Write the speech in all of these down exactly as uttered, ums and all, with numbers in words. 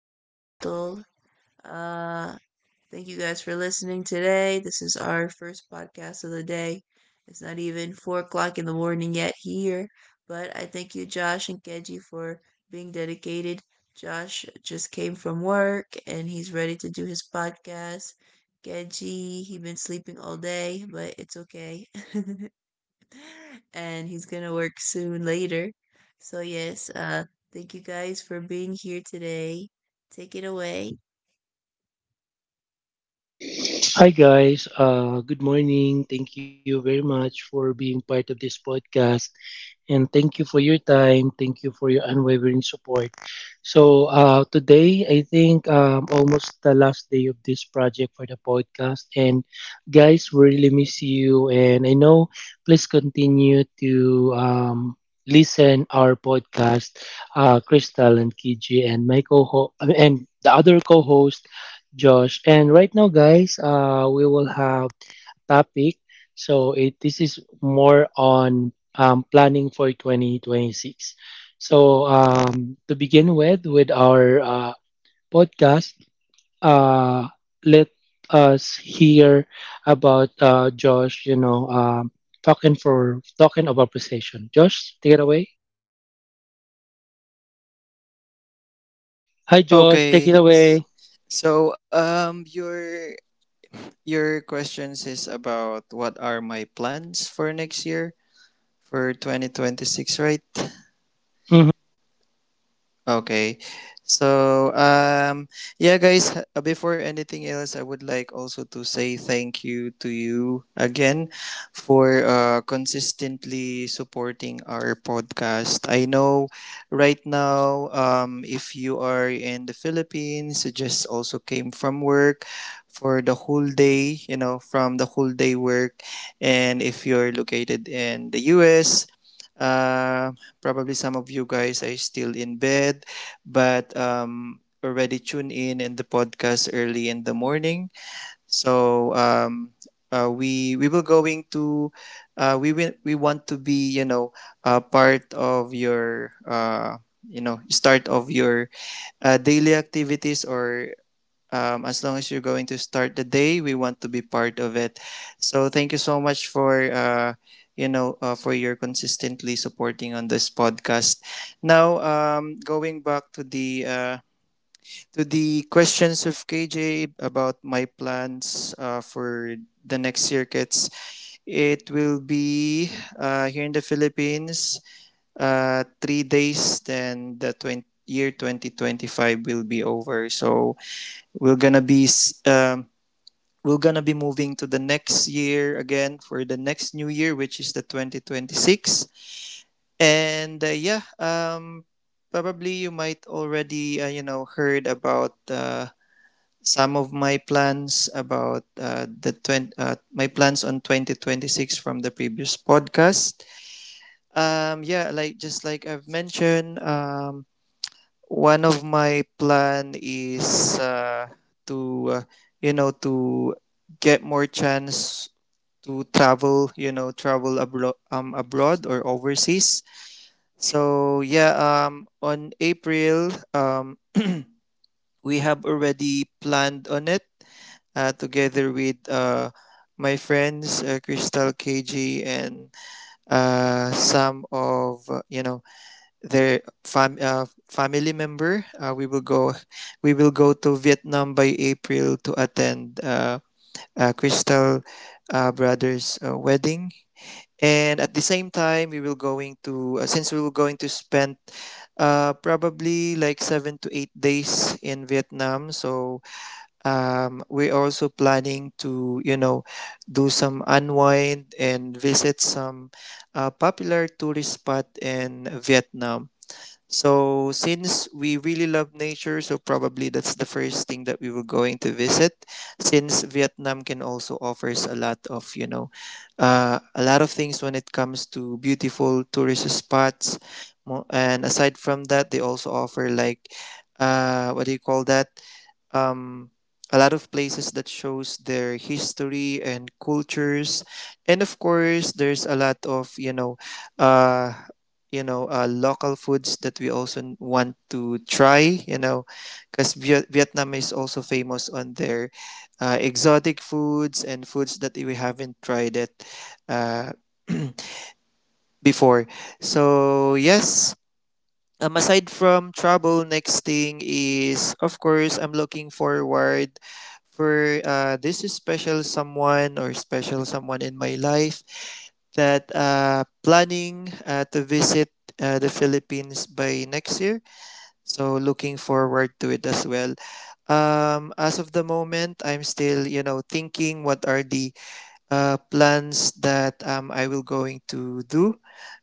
and Crystal. Uh, Thank you guys for listening today. This is our first podcast of the day. It's not even four o'clock in the morning yet here, but I thank you, Josh and Kenji, for being dedicated. Josh just came from work and he's ready to do his podcast. Kenji, he has been sleeping all day, but it's okay. And he's gonna work soon later. So yes, uh thank you guys for being here today. Take it away. Hi guys, uh, good morning. Thank you very much for being part of this podcast, and thank you for your time. Thank you for your unwavering support. So uh, today, I think um, almost the last day of this project for the podcast. And guys, we really miss you. And I know, please continue to um, listen our podcast, uh, Crystal and Kiji and my co and the other co-host Josh. And right now, guys, uh, we will have topic. So it this is more on um, planning for twenty twenty-six. So um, to begin with, with our uh, podcast, uh, let us hear about uh, Josh. You know, um, talking for talking about precision. Josh, take it away. Hi, Josh. Take it Okay. away. s- So um your your questions is about what are my plans for next year for twenty twenty-six, right? Mm-hmm. Okay. So, um, yeah, guys, h- uh, before anything else, I would like also to say thank you to you again for uh, consistently supporting our podcast. I know right now, um, if you are in the Philippines, you just also came from work for the whole day, you know, from the whole day work. And if you're located in the U S, um, probably some of you guys are still in bed, but um, already tuned in in the podcast early in the morning. So um, uh, we we will going to uh, we will we want to be you know uh, part of your uh, you know start of your uh, daily activities or um, as long as you're going to start the day we want to be part of it, so thank you so much for uh, you know uh, for your consistently supporting on this podcast. Now um, going back to the uh, to the questions of kj about my plans uh, for the next circuits. It will be uh, here in the philippines uh, three days, then the twenty year twenty twenty-five will be over, so we're gonna be um, we're gonna be moving to the next year again for the next new year, which is the twenty twenty-six. And uh, yeah, um, probably you might already uh, you know heard about uh, some of my plans about uh, the twenty uh, my plans on twenty twenty-six from the previous podcast. Um, yeah, like just like I've mentioned, um, one of my plan is uh, to uh, you know to get more chance to travel, you know, travel abroad, um, abroad or overseas. So yeah, um, on April, um, we have already planned on it uh, together with uh, my friends, uh, Crystal, K G, and uh, some of uh, you know their fam- uh, family member. Uh, we will go. We will go to Vietnam by April to attend uh, uh, Crystal uh, brother's uh, wedding, and at the same time we will going to uh, since we will going to spend uh, probably like seven to eight days in vietnam. So um, we're also planning to you know do some unwind and visit some uh, popular tourist spot in vietnam. So since we really love nature, so probably that's the first thing that we were going to visit. Since Vietnam can also offers a lot of you know, uh, a lot of things when it comes to beautiful tourist spots. Mo- and aside from that, they also offer like, uh, what do you call that? Um, a lot of places that shows their history and cultures. And of course there's a lot of you know uh, you know uh, local foods that we also want to try, you know, because Viet- vietnam is also famous on their uh, exotic foods and foods that we haven't tried it uh, before. So yes, um, aside from travel, next thing is, of course, I'm looking forward for uh, this special someone or special someone in my life that uh, planning uh, to visit uh, the Philippines by next year. So looking forward to it as well. Um, as of the moment, I'm still, you know, thinking what are the uh, plans that um, I will going to do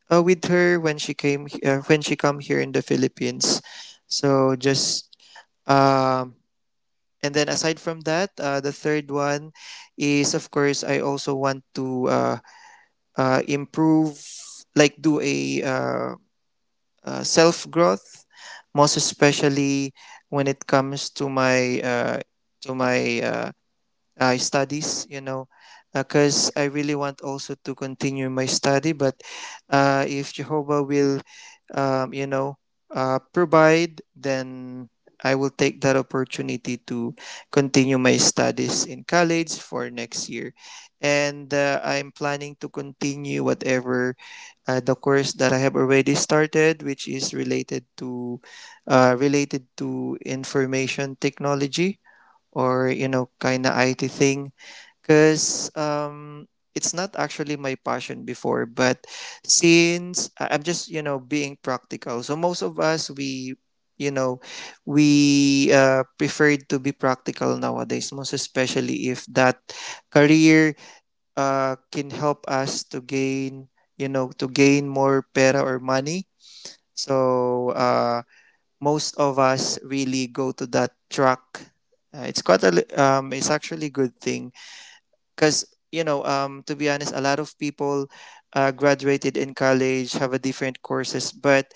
uh, with her when she came uh, when she come here in the Philippines. So just um, and then aside from that, uh, the third one is of course I also want to uh, uh, improve, like do a uh, uh, self growth, most especially when it comes to my uh, to my uh, uh, studies, you know, because uh, I really want also to continue my study. But uh, if Jehovah will, um, you know, uh, provide, then I will take that opportunity to continue my studies in college for next year. And uh, I'm planning to continue whatever uh, the course that I have already started, which is related to uh, related to information technology, or you know kind of I T thing, because um, it's not actually my passion before. But since I- I'm just you know being practical, so most of us, we you know we uh, prefer to be practical nowadays, most especially if that career uh, can help us to gain you know to gain more pera or money. So uh, most of us really go to that track. Uh, it's quite a li- um, it's actually a good thing because you know um, to be honest, a lot of people uh, graduated in college have a different courses, but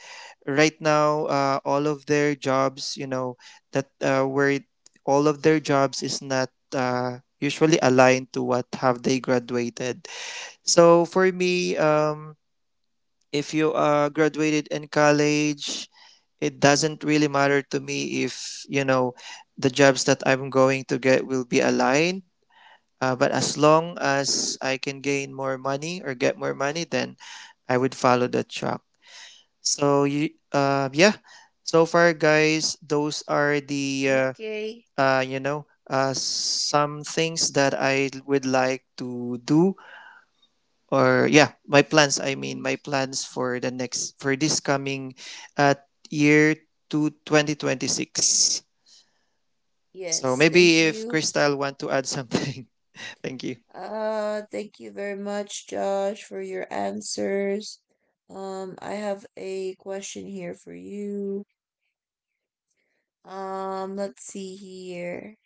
right now uh, all of their jobs, you know, that uh, where it, all of their jobs is not uh, usually aligned to what have they graduated. So for me, um, if you uh, graduated in college, it doesn't really matter to me if you know the jobs that I'm going to get will be aligned, uh, but as long as I can gain more money or get more money, then I would follow that track. So you uh, yeah, so far guys, those are the uh, Okay. uh, you know uh, some things that I would like to do. Or yeah, my plans i mean Hmm. my plans for the next, for this coming uh, year, to twenty twenty-six. So Yes, thank maybe if you. crystal want to add something. Thank you. Uh thank you very much, Josh, for your answers. Um I have a question here for you. Um let's see here.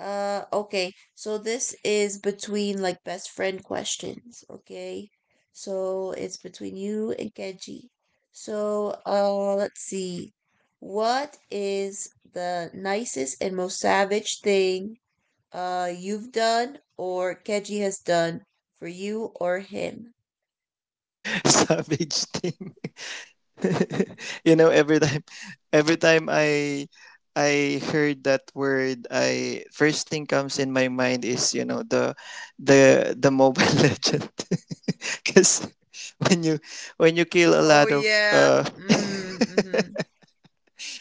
Uh, okay. So this is between like best friend questions, okay? So it's between you and Kenji. So, uh, let's see. What is the nicest and most savage thing uh you've done or Kenji has done for you or him? Savage thing. You know, every time every time i i heard that word, I first thing comes in my mind is you know the the the mobile legend, because when you when you kill a Oh lot of yeah. uh Mm, mm-hmm.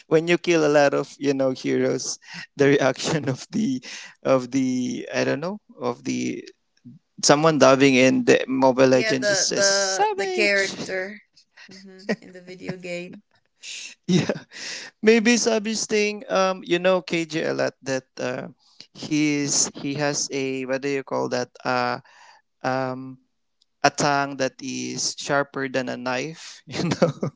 when you kill a lot of you know heroes, the reaction of the of the I don't know of the someone diving in the mobile Yeah, legends is the just the the savage. character, mm-hmm, in the video game. Yeah, maybe savage thing, um, you know kj a lot that uh he's he has a what do you call that uh um a tongue that is sharper than a knife. You know,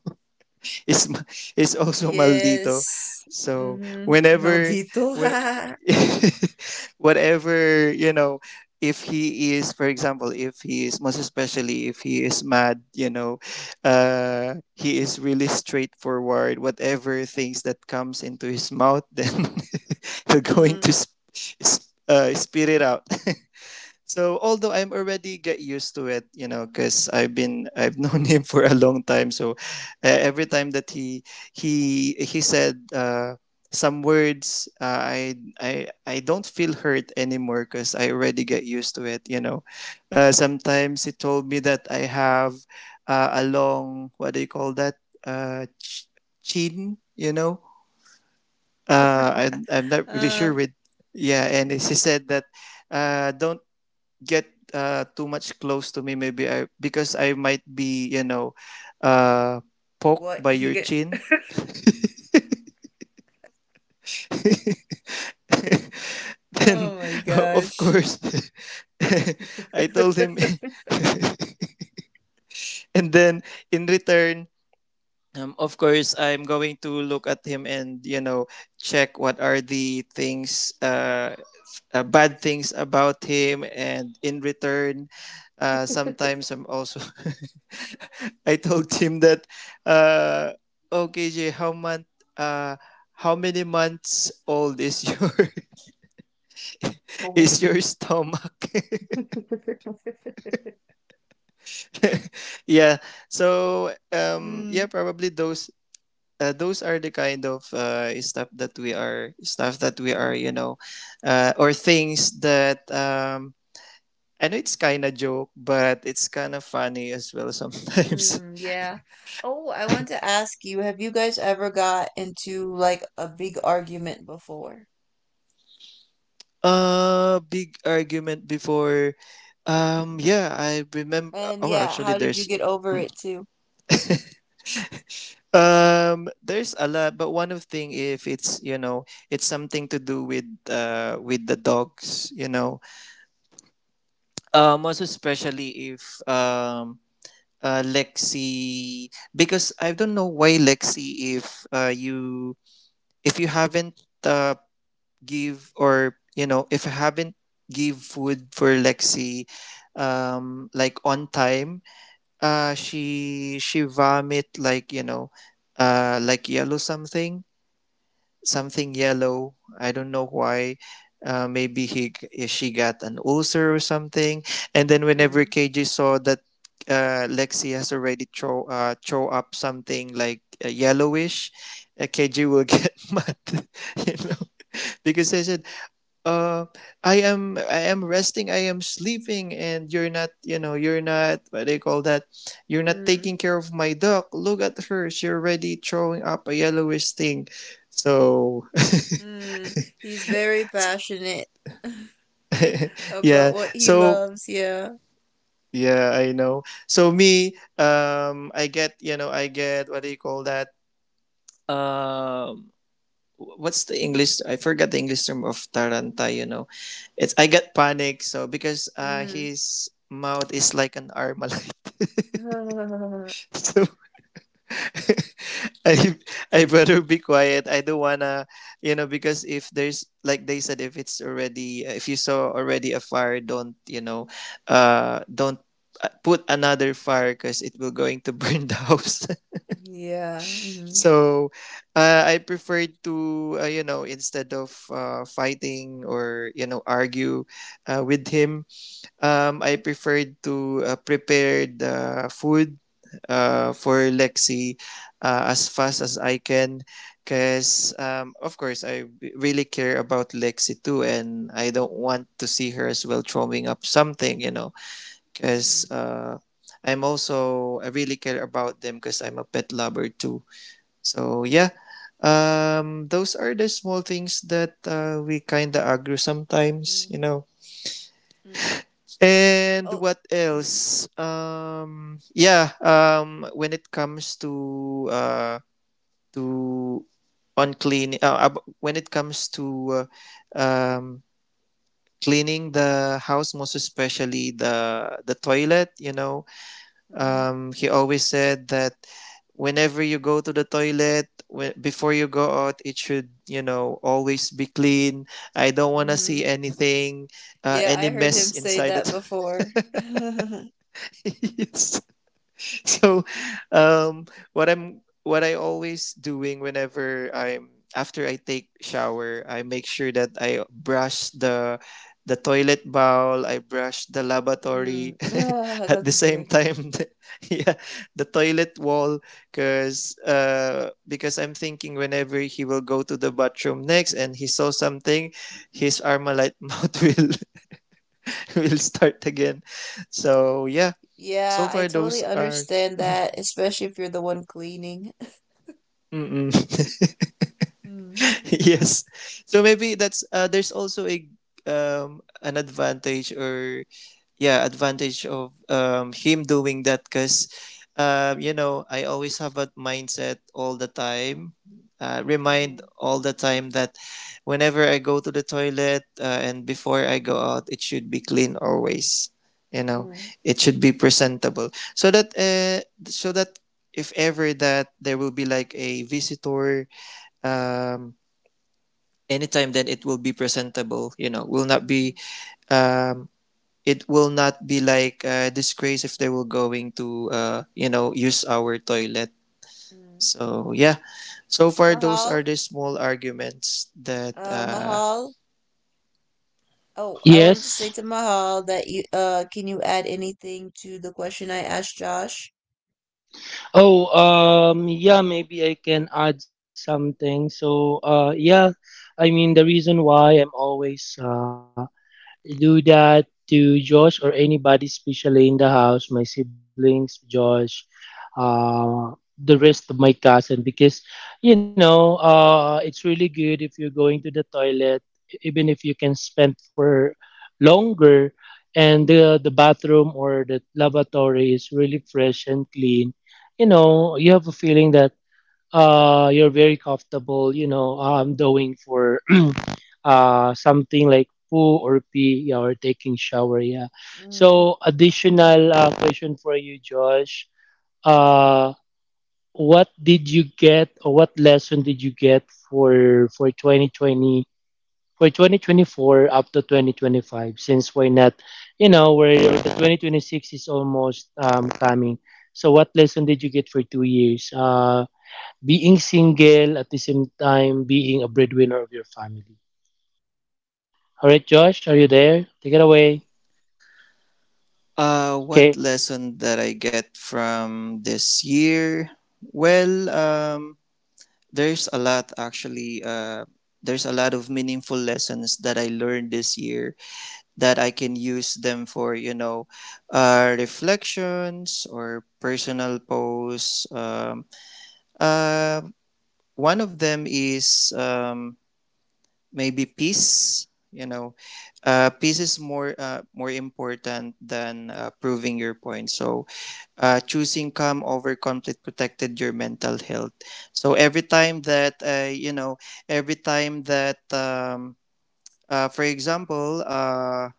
is ma- is also maldito. Yes. So Mhm. whenever Maldito. when whatever you know, if he is, for example, if he is, most especially if he is mad, you know, uh, he is really straightforward. Whatever things that comes into his mouth, then they're going to Mm. sp- sp- uh, spit it out. So although I'm already get used to it, you know, because I've been I've known him for a long time. So uh, every time that he he he said uh, some words, uh, I I I don't feel hurt anymore because I already get used to it. You know, uh, sometimes he told me that I have uh, a long what do you call that uh, ch- chin? You know, uh, I I'm not really Uh, sure with yeah, and he said that uh, don't get uh, too much close to me, maybe I because I might be you know uh poked what by he your get? chin. Then Oh my uh, of gosh. course I told him. And then in return, um, of course I'm going to look at him and you know check what are the things uh uh, bad things about him. And in return, uh, sometimes I'm also I told him that uh, oh kj how month uh, how many months old is your is Oh. your stomach. Yeah. So um Mm, yeah, probably those uh, those are the kind of uh, stuff that we are stuff that we are you mm, know uh, or things that um, I know it's kind of joke, but it's kind of funny as well sometimes. mm, yeah. Oh, I want to ask you, have you guys ever got into like a big argument before? Uh, big argument before. Um, yeah, I remember. And Oh yeah, actually how did you there's get over hmm, it too? um, there's a lot, but one of thing, if it's you know, it's something to do with uh with the dogs, you know. Um, most especially if um uh lexi, because I don't know why lexi, if uh you if you haven't uh give, or you know, if I haven't give food for Lexi um like on time, uh she she vomit, like you know uh like yellow something, something yellow. I don't know why, uh maybe he she got an ulcer or something. And then whenever Mm, K J saw that uh Lexi has already throw uh throw up something like uh, yellowish, uh, K J will get mad. You know, because I said, uh i am i am resting, i am sleeping, and you're not, you know, you're not what they call that, you're not taking mm, care of my dog. Look at her, she's already throwing up a yellowish thing. So mm. He's very passionate. yeah. About what he So loves. Yeah. yeah, I know so me, um, i get you know I get what do you call that, um, what's the English? I forgot the English term of Taranta. You know, it's I got panic. So because uh, Mm. his mouth is like an armalite, Yeah. so I I better be quiet. I don't wanna, you know, because if there's like they said, if it's already if you saw already a fire, don't you know, uh, don't uh, put another fire because it will going to burn the house. Mm-hmm. So uh, I prefer to, uh, you know, instead of uh, fighting or, you know, argue uh, with him, um, I preferred to uh, prepare the food uh, for Lexi uh, as fast as I can. Because, um, of course, I really care about Lexi too, and I don't want to see her as well throwing up something, you know, because Mm-hmm. uh, I'm also, I really care about them because I'm a pet lover too, so yeah, um, those are the small things that uh, we kind of argue sometimes, Mm-hmm. you know. Mm. And Oh. what Mm. else? Um, yeah, um, when it comes to uh, to on clean, uh, ab- when it comes to uh, um, cleaning the house, most especially the the toilet, you know, Mm-hmm. um, he always said that whenever you go to the toilet, whe- before you go out it should, you know, always be clean. I don't want to see Mm-hmm. anything, uh, Yeah, any I heard mess him say inside the that before. toilet. He used so um what i'm what I always doing whenever I'm, after I take shower, I make sure that I brush the the toilet bowl, I brush the lavatory Mm. Ah, at the that's same good. time, the, yeah, the toilet wall. Because uh because I'm thinking whenever he will go to the bathroom next and he saw something, his armalite mouth will will start again. So yeah, so Yeah, I far those totally are understand that, especially if you're the one cleaning. Mm-mm. Mm. yes. So maybe that's uh, there's also a um an advantage or, yeah, advantage of um him doing that because, um you know, I always have a mindset all the time. Uh, remind Mm-hmm. all the time that whenever I go to the toilet, uh, and before I go out, it should be clean always. You know, Mm. it should be presentable so that uh, so that if ever that there will be like a visitor, um, anytime, then it will be presentable, you know, will not be Mm-hmm. um it will not be like a disgrace if they were going to, uh you know, use our toilet. Mm. So yeah, so far those are Mahal, the small arguments that uh, uh Mahal, Oh, I wanted to say to Yes. Mahal that you uh can you add anything to the question I asked Josh? Oh, um, yeah, maybe I can add something. So, uh, yeah, I mean, the reason why I'm always uh, do that to Josh or anybody, especially in the house, my siblings, Josh, uh, the rest of my cousin, because you know uh, it's really good if you're going to the toilet, e-, even if you can spend for longer, and the the bathroom or the lavatory is really fresh and clean. You know, you have a feeling that uh, you're very comfortable. You know, I'm doing for uh, something like poo or pee, yeah, or taking shower. Yeah. Mm. So additional uh, question for you, Josh. Uh, what did you get or what lesson did you get for for twenty twenty for twenty twenty-four up to twenty twenty-five, since we're not, you know, we're, the twenty twenty-six is almost um, coming. So what lesson did you get for two years, uh, being single at the same time being a breadwinner of your family? All right, Josh, are you there? Take it away. uh Okay. what lesson that I get from this year. Well, um there's a lot, actually, uh there's a lot of meaningful lessons that I learned this year, that I can use them for, you know, uh, reflections or personal posts. Um, uh, one of them is, um, maybe peace. You know, uh, peace is more uh, more important than uh, proving your point. So, uh, choosing calm over conflict protected your mental health. So every time that, uh, you know, every time that, um, uh, for example, uh,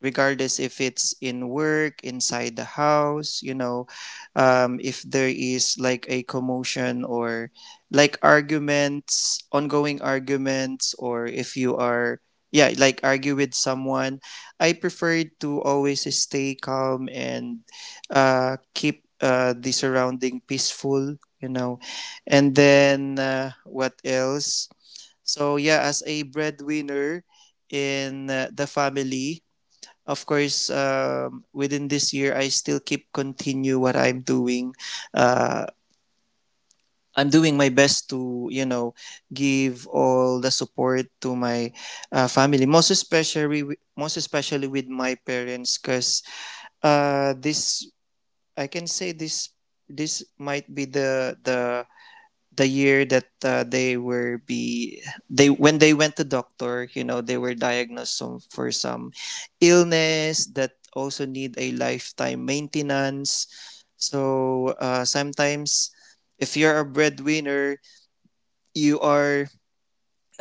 regardless if it's in work, inside the house, you know, um, if there is like a commotion or like arguments, ongoing arguments, or if you are, yeah, like argue with someone, I prefer to always stay calm and uh, keep uh, the surrounding peaceful, you know. And then, uh, what else? So, yeah, as a breadwinner in uh, the family, of course, um, within this year, I still keep continue what I'm doing. Uh, I'm doing my best to, you know, give all the support to my, uh, family, most especially, most especially with my parents, because uh, this, I can say this, this might be the the the year that, uh, they were be they, when they went to doctor, you know, they were diagnosed some, for some illness that also need a lifetime maintenance. So uh, sometimes if you're a breadwinner, you are,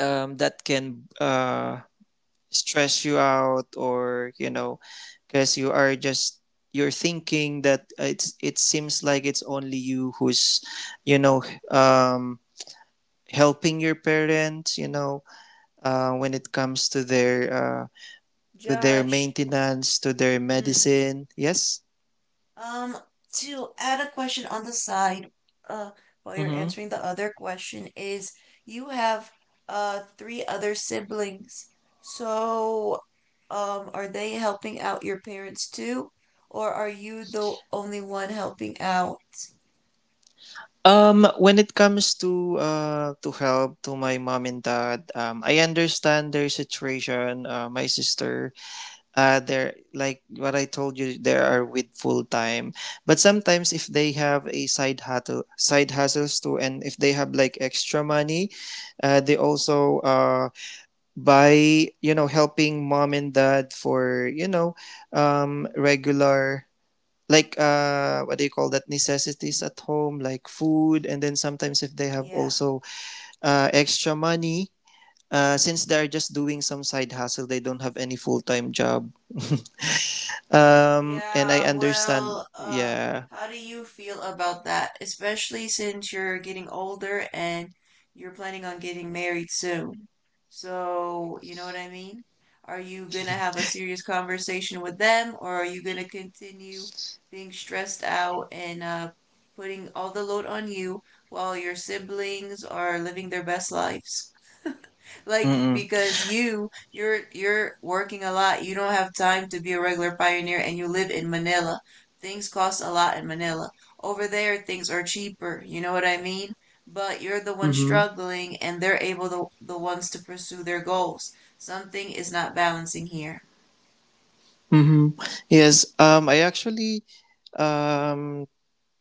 um, that can, uh, stress you out, or you know, because you are just, you're thinking that it's, it seems like it's only you who's, you know, um helping your parents, you know, uh, when it comes to their, uh, to their Josh. maintenance, to their Mm, medicine, yes. um, to add a question on the side, uh, while you're Mm-hmm. answering the other question is you have uh three other siblings. So, um, are they helping out your parents too, or are you the only one helping out? um when it comes to uh to help to my mom and dad, um I understand their situation. uh, my sister, uh they're like what I told you, they are with full time, but sometimes if they have a side hustle, side hustles too, and if they have like extra money, uh they also, uh by, you know, helping mom and dad for, you know, um regular, like, uh what do you call that, necessities at home like food, and then sometimes if they have Yeah. also uh extra money, uh since Mhm. they're just doing some side hustle, they don't have any full-time job. um and I Yeah, understand, well, uh, yeah. how do you feel about that? Especially since you're getting older and you're planning on getting married soon. So, you know what I mean? Are you gonna have a serious conversation with them, or are you gonna continue being stressed out and uh, putting all the load on you while your siblings are living their best lives? Like Mm. because you you're you're working a lot. You don't have time to be a regular pioneer and you live in Manila. Things cost a lot in Manila. Over there things are cheaper, you know what I mean? But you're the one Mm-hmm. struggling and they're able to, the ones to pursue their goals. Something is not balancing here. Mm-hmm. Yes, um I actually, um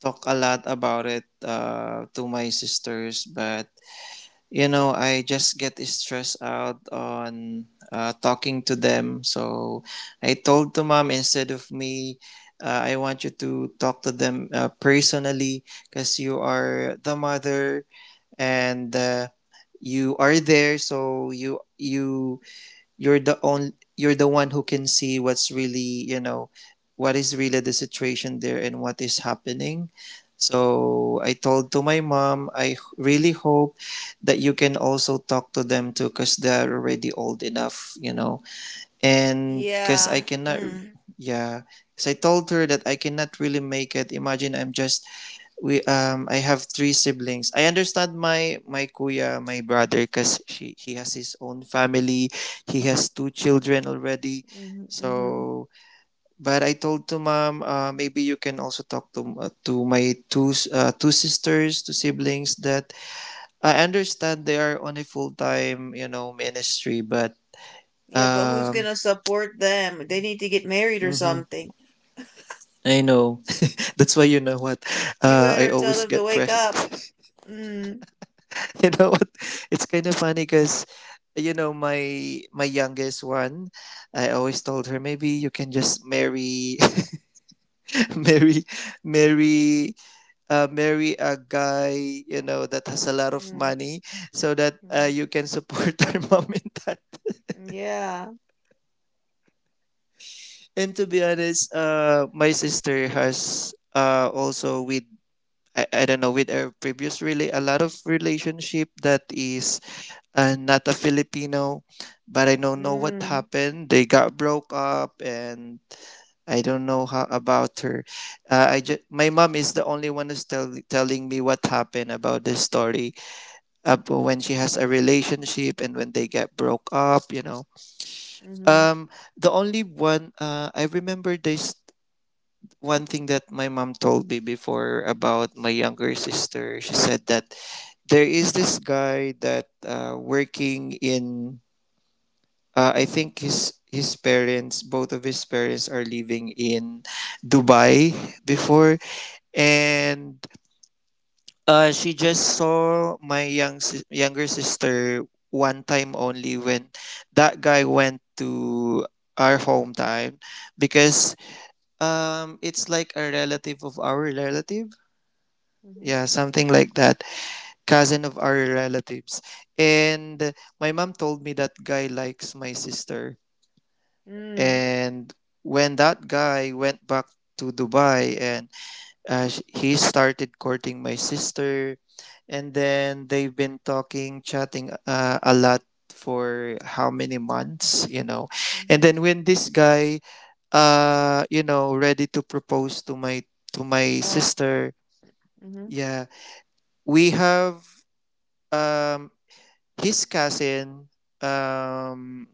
talk a lot about it, uh to my sisters, but you know, I just get stressed out on uh, talking to them. So I told to mom, instead of me, uh, I want you to talk to them uh, personally because you are the mother and uh, you are there. So you you you're the only, you're the one who can see what's really, you know, what is really the situation there and what is happening. So I told to my mom, I really hope that you can also talk to them too because they're already old enough, you know. And because I Yeah. cannot, Mm. yeah. Yeah. 'Cause I told her that I cannot really make it. Imagine, I'm just, we, um I have three siblings. I understand my, my kuya, my brother, cuz she he has his own family. He has two children already. Hmm, hmm. So, but I told to mom, uh, maybe you can also talk to, uh, to my two s- uh, two sisters, two siblings, that I understand they are on a full-time, you know, ministry, but Yeah, but who's um gonna support them? They need to get married or mhm, something. I know. That's why, you know what. You Uh, I better tell always them to get wake press up. Mm, you know what, it's kind of funny because, you know, my my youngest one, I always told her, maybe you can just marry marry marry uh, marry a guy, you know, that has a lot of mm, money so that, uh, mm-hmm. you can support our mom and dad. Yeah. And to be honest, uh my sister has, uh also with, I, I don't know with her previous, really a lot of relationship that is, and not a Filipino, but I don't know what Mm, happened. They got broke up, and I don't know how about her. Uh, I just, my mom is the only one who's tell, telling me what happened about this story up when she has a relationship and when they get broke up. You know, mm-hmm. um, the only one, uh, I remember this one thing that my mom told me before about my younger sister. She said that there is this guy that, uh, working in, Uh, I think his his parents, both of his parents, are living in Dubai before, and uh, she just saw my young sis- younger sister one time only when that guy went to our hometown because um it's like a relative of our relative, Mm-hmm. yeah, something like that, cousin of our relatives. And my mom told me that guy likes my sister. Mm, And when that guy went back to Dubai and uh, he started courting my sister, and then they've been talking, chatting uh, a lot for how many months, you know. And mm-hmm. then when this guy, uh, you know, ready to propose to my, to my Uh, sister, mm-hmm. yeah, we have um his cousin um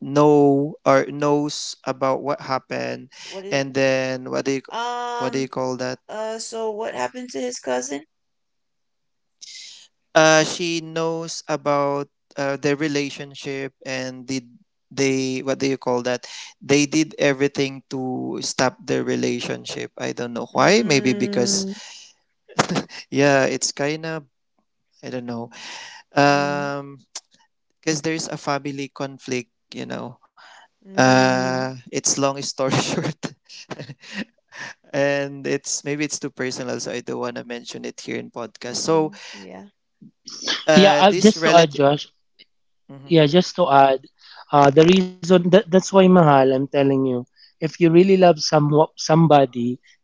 know or knows about what happened. What is— And then what do you, what Um, do you call that, uh, so what happened to his cousin? uh she knows about uh, their relationship and did they, what do you call that, they did everything to stop their relationship. I don't know why, maybe because, Mm, yeah, it's kind of, I don't know, mm, um because there's a family conflict, you know, uh mm, it's long story short. And it's, maybe it's too personal, so I don't want to mention it here in podcast. So, mm-hmm. Yeah. Yeah, uh, uh, this just to add, relative, Josh. mm-hmm, Yeah, just to add, uh, the reason that that's why, mahal. I'm telling you, if you really love some somebody,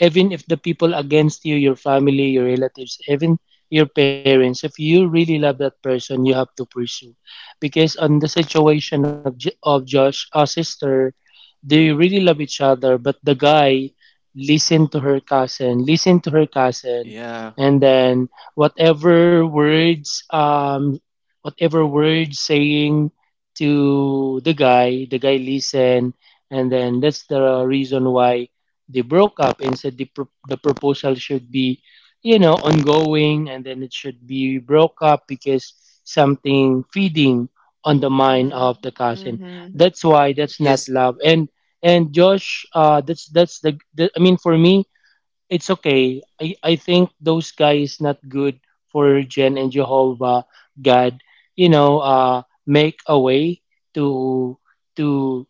even if the people against you, your family, your relatives, even your parents, if you really love that person, you have to pursue. Because on the situation of J- of Josh, a sister, they really love each other, but the guy listened to her cousin, listened to her cousin, yeah, and then whatever words, um, whatever words saying to the guy, the guy listened, and then that's the reason why they broke up, and said the pro- the proposal should be, you know, ongoing, and then it should be broke up because something feeding on the mind of Mm, the cousin. mm-hmm. That's why that's not yes, love. and and Josh, uh that's that's the, the, I mean, for me, it's okay. I i think those guys not good for Jen, and Jehovah God, you know, uh make a way to to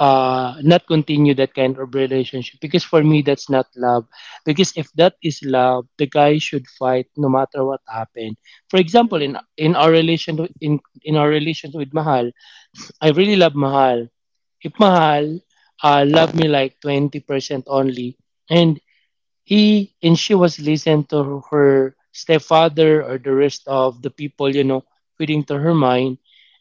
uh, not continue that kind of relationship, because for me that's not love. Because if that is love, the guy should fight no matter what happened. For example, in Mm, in our relation, in in our relation with mahal, I really love mahal. If mahal uh, love me like twenty percent only, and he and she was listening to her stepfather or the rest of the people, you know, feeding to her mind.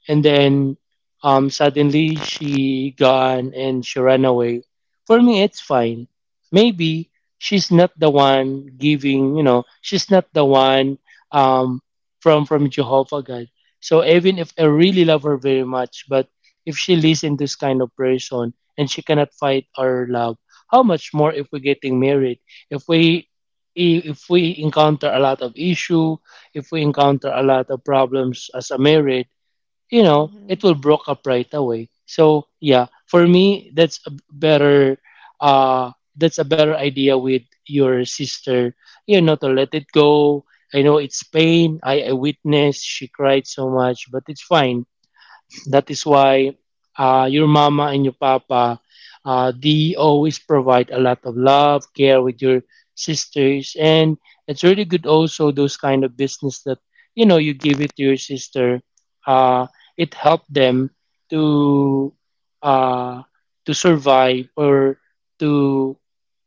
And then um, suddenly she gone and she ran away. For me, it's fine. Maybe she's not the one giving, you know, she's not the one um, from from Jehovah God. So even if I really love her very much, but if she listen to this kind of person and she cannot fight our love, how much more if we're getting married? If we, if we encounter a lot of issue, if we encounter a lot of problems as a married, you know, mm-hmm. it will broke up right away. So yeah, for me, that's a better uh that's a better idea with your sister, you know, to let it go. I know it's pain. I, I witnessed she cried so much, but it's fine. That is why, uh, your mama and your papa, uh, they always provide a lot of love, care with your sisters, and it's really good also those kind of business that, you know, you give it to your sister. Uh, it helped them to uh, to survive or to,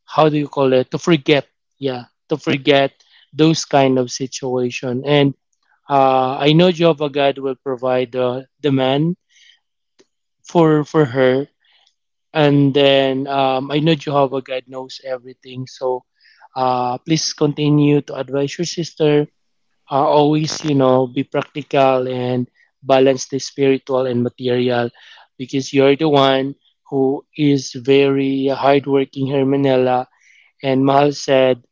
how do you call it, to forget, yeah, to forget those kind of situation. And uh, I know Jehovah God will provide the the man for for her. And then um, I know Jehovah God knows everything. So uh, please continue to advise your sister, uh, always, you know, be practical and balance the spiritual and material, because you're the one who is very hardworking, hermanella. And Mahal said,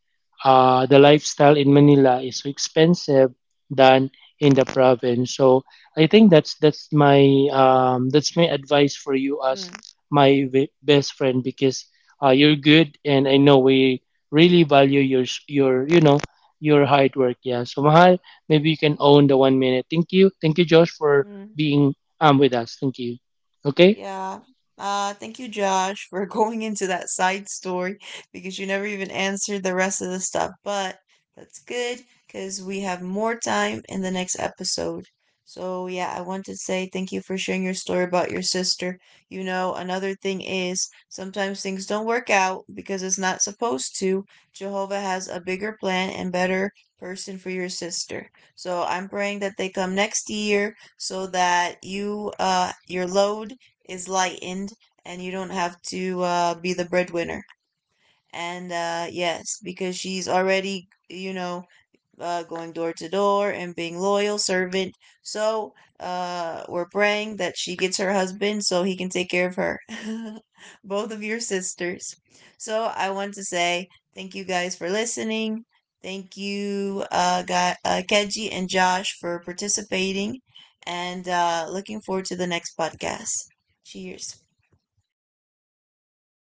uh, the lifestyle in Manila is so expensive than in the province. So I think that's that's my, um, that's my advice for you as Mm. my v- best friend, because uh, you're good, and I know we really value your s- your, you know, your hard work. Yeah. So Mahal, maybe you can own the one minute. Thank you. Thank you, Josh, for Mhm. being um with us. Thank you. Okay. Yeah. Uh, thank you, Josh, for going into that side story because you never even answered the rest of the stuff. But that's good because we have more time in the next episode. So, yeah, I want to say thank you for sharing your story about your sister. You know, another thing is sometimes things don't work out because it's not supposed to. Jehovah has a bigger plan and better person for your sister. So, I'm praying that they come next year so that you, uh, your load is lightened and you don't have to uh, be the breadwinner. And uh, yes, because she's already, you know, uh, going door to door and being loyal servant. So uh, we're praying that she gets her husband so he can take care of her. Both of your sisters. So I want to say thank you guys for listening. Thank you, uh, guy, uh, Keji and Josh, for participating. And uh, looking forward to the next podcast. Cheers.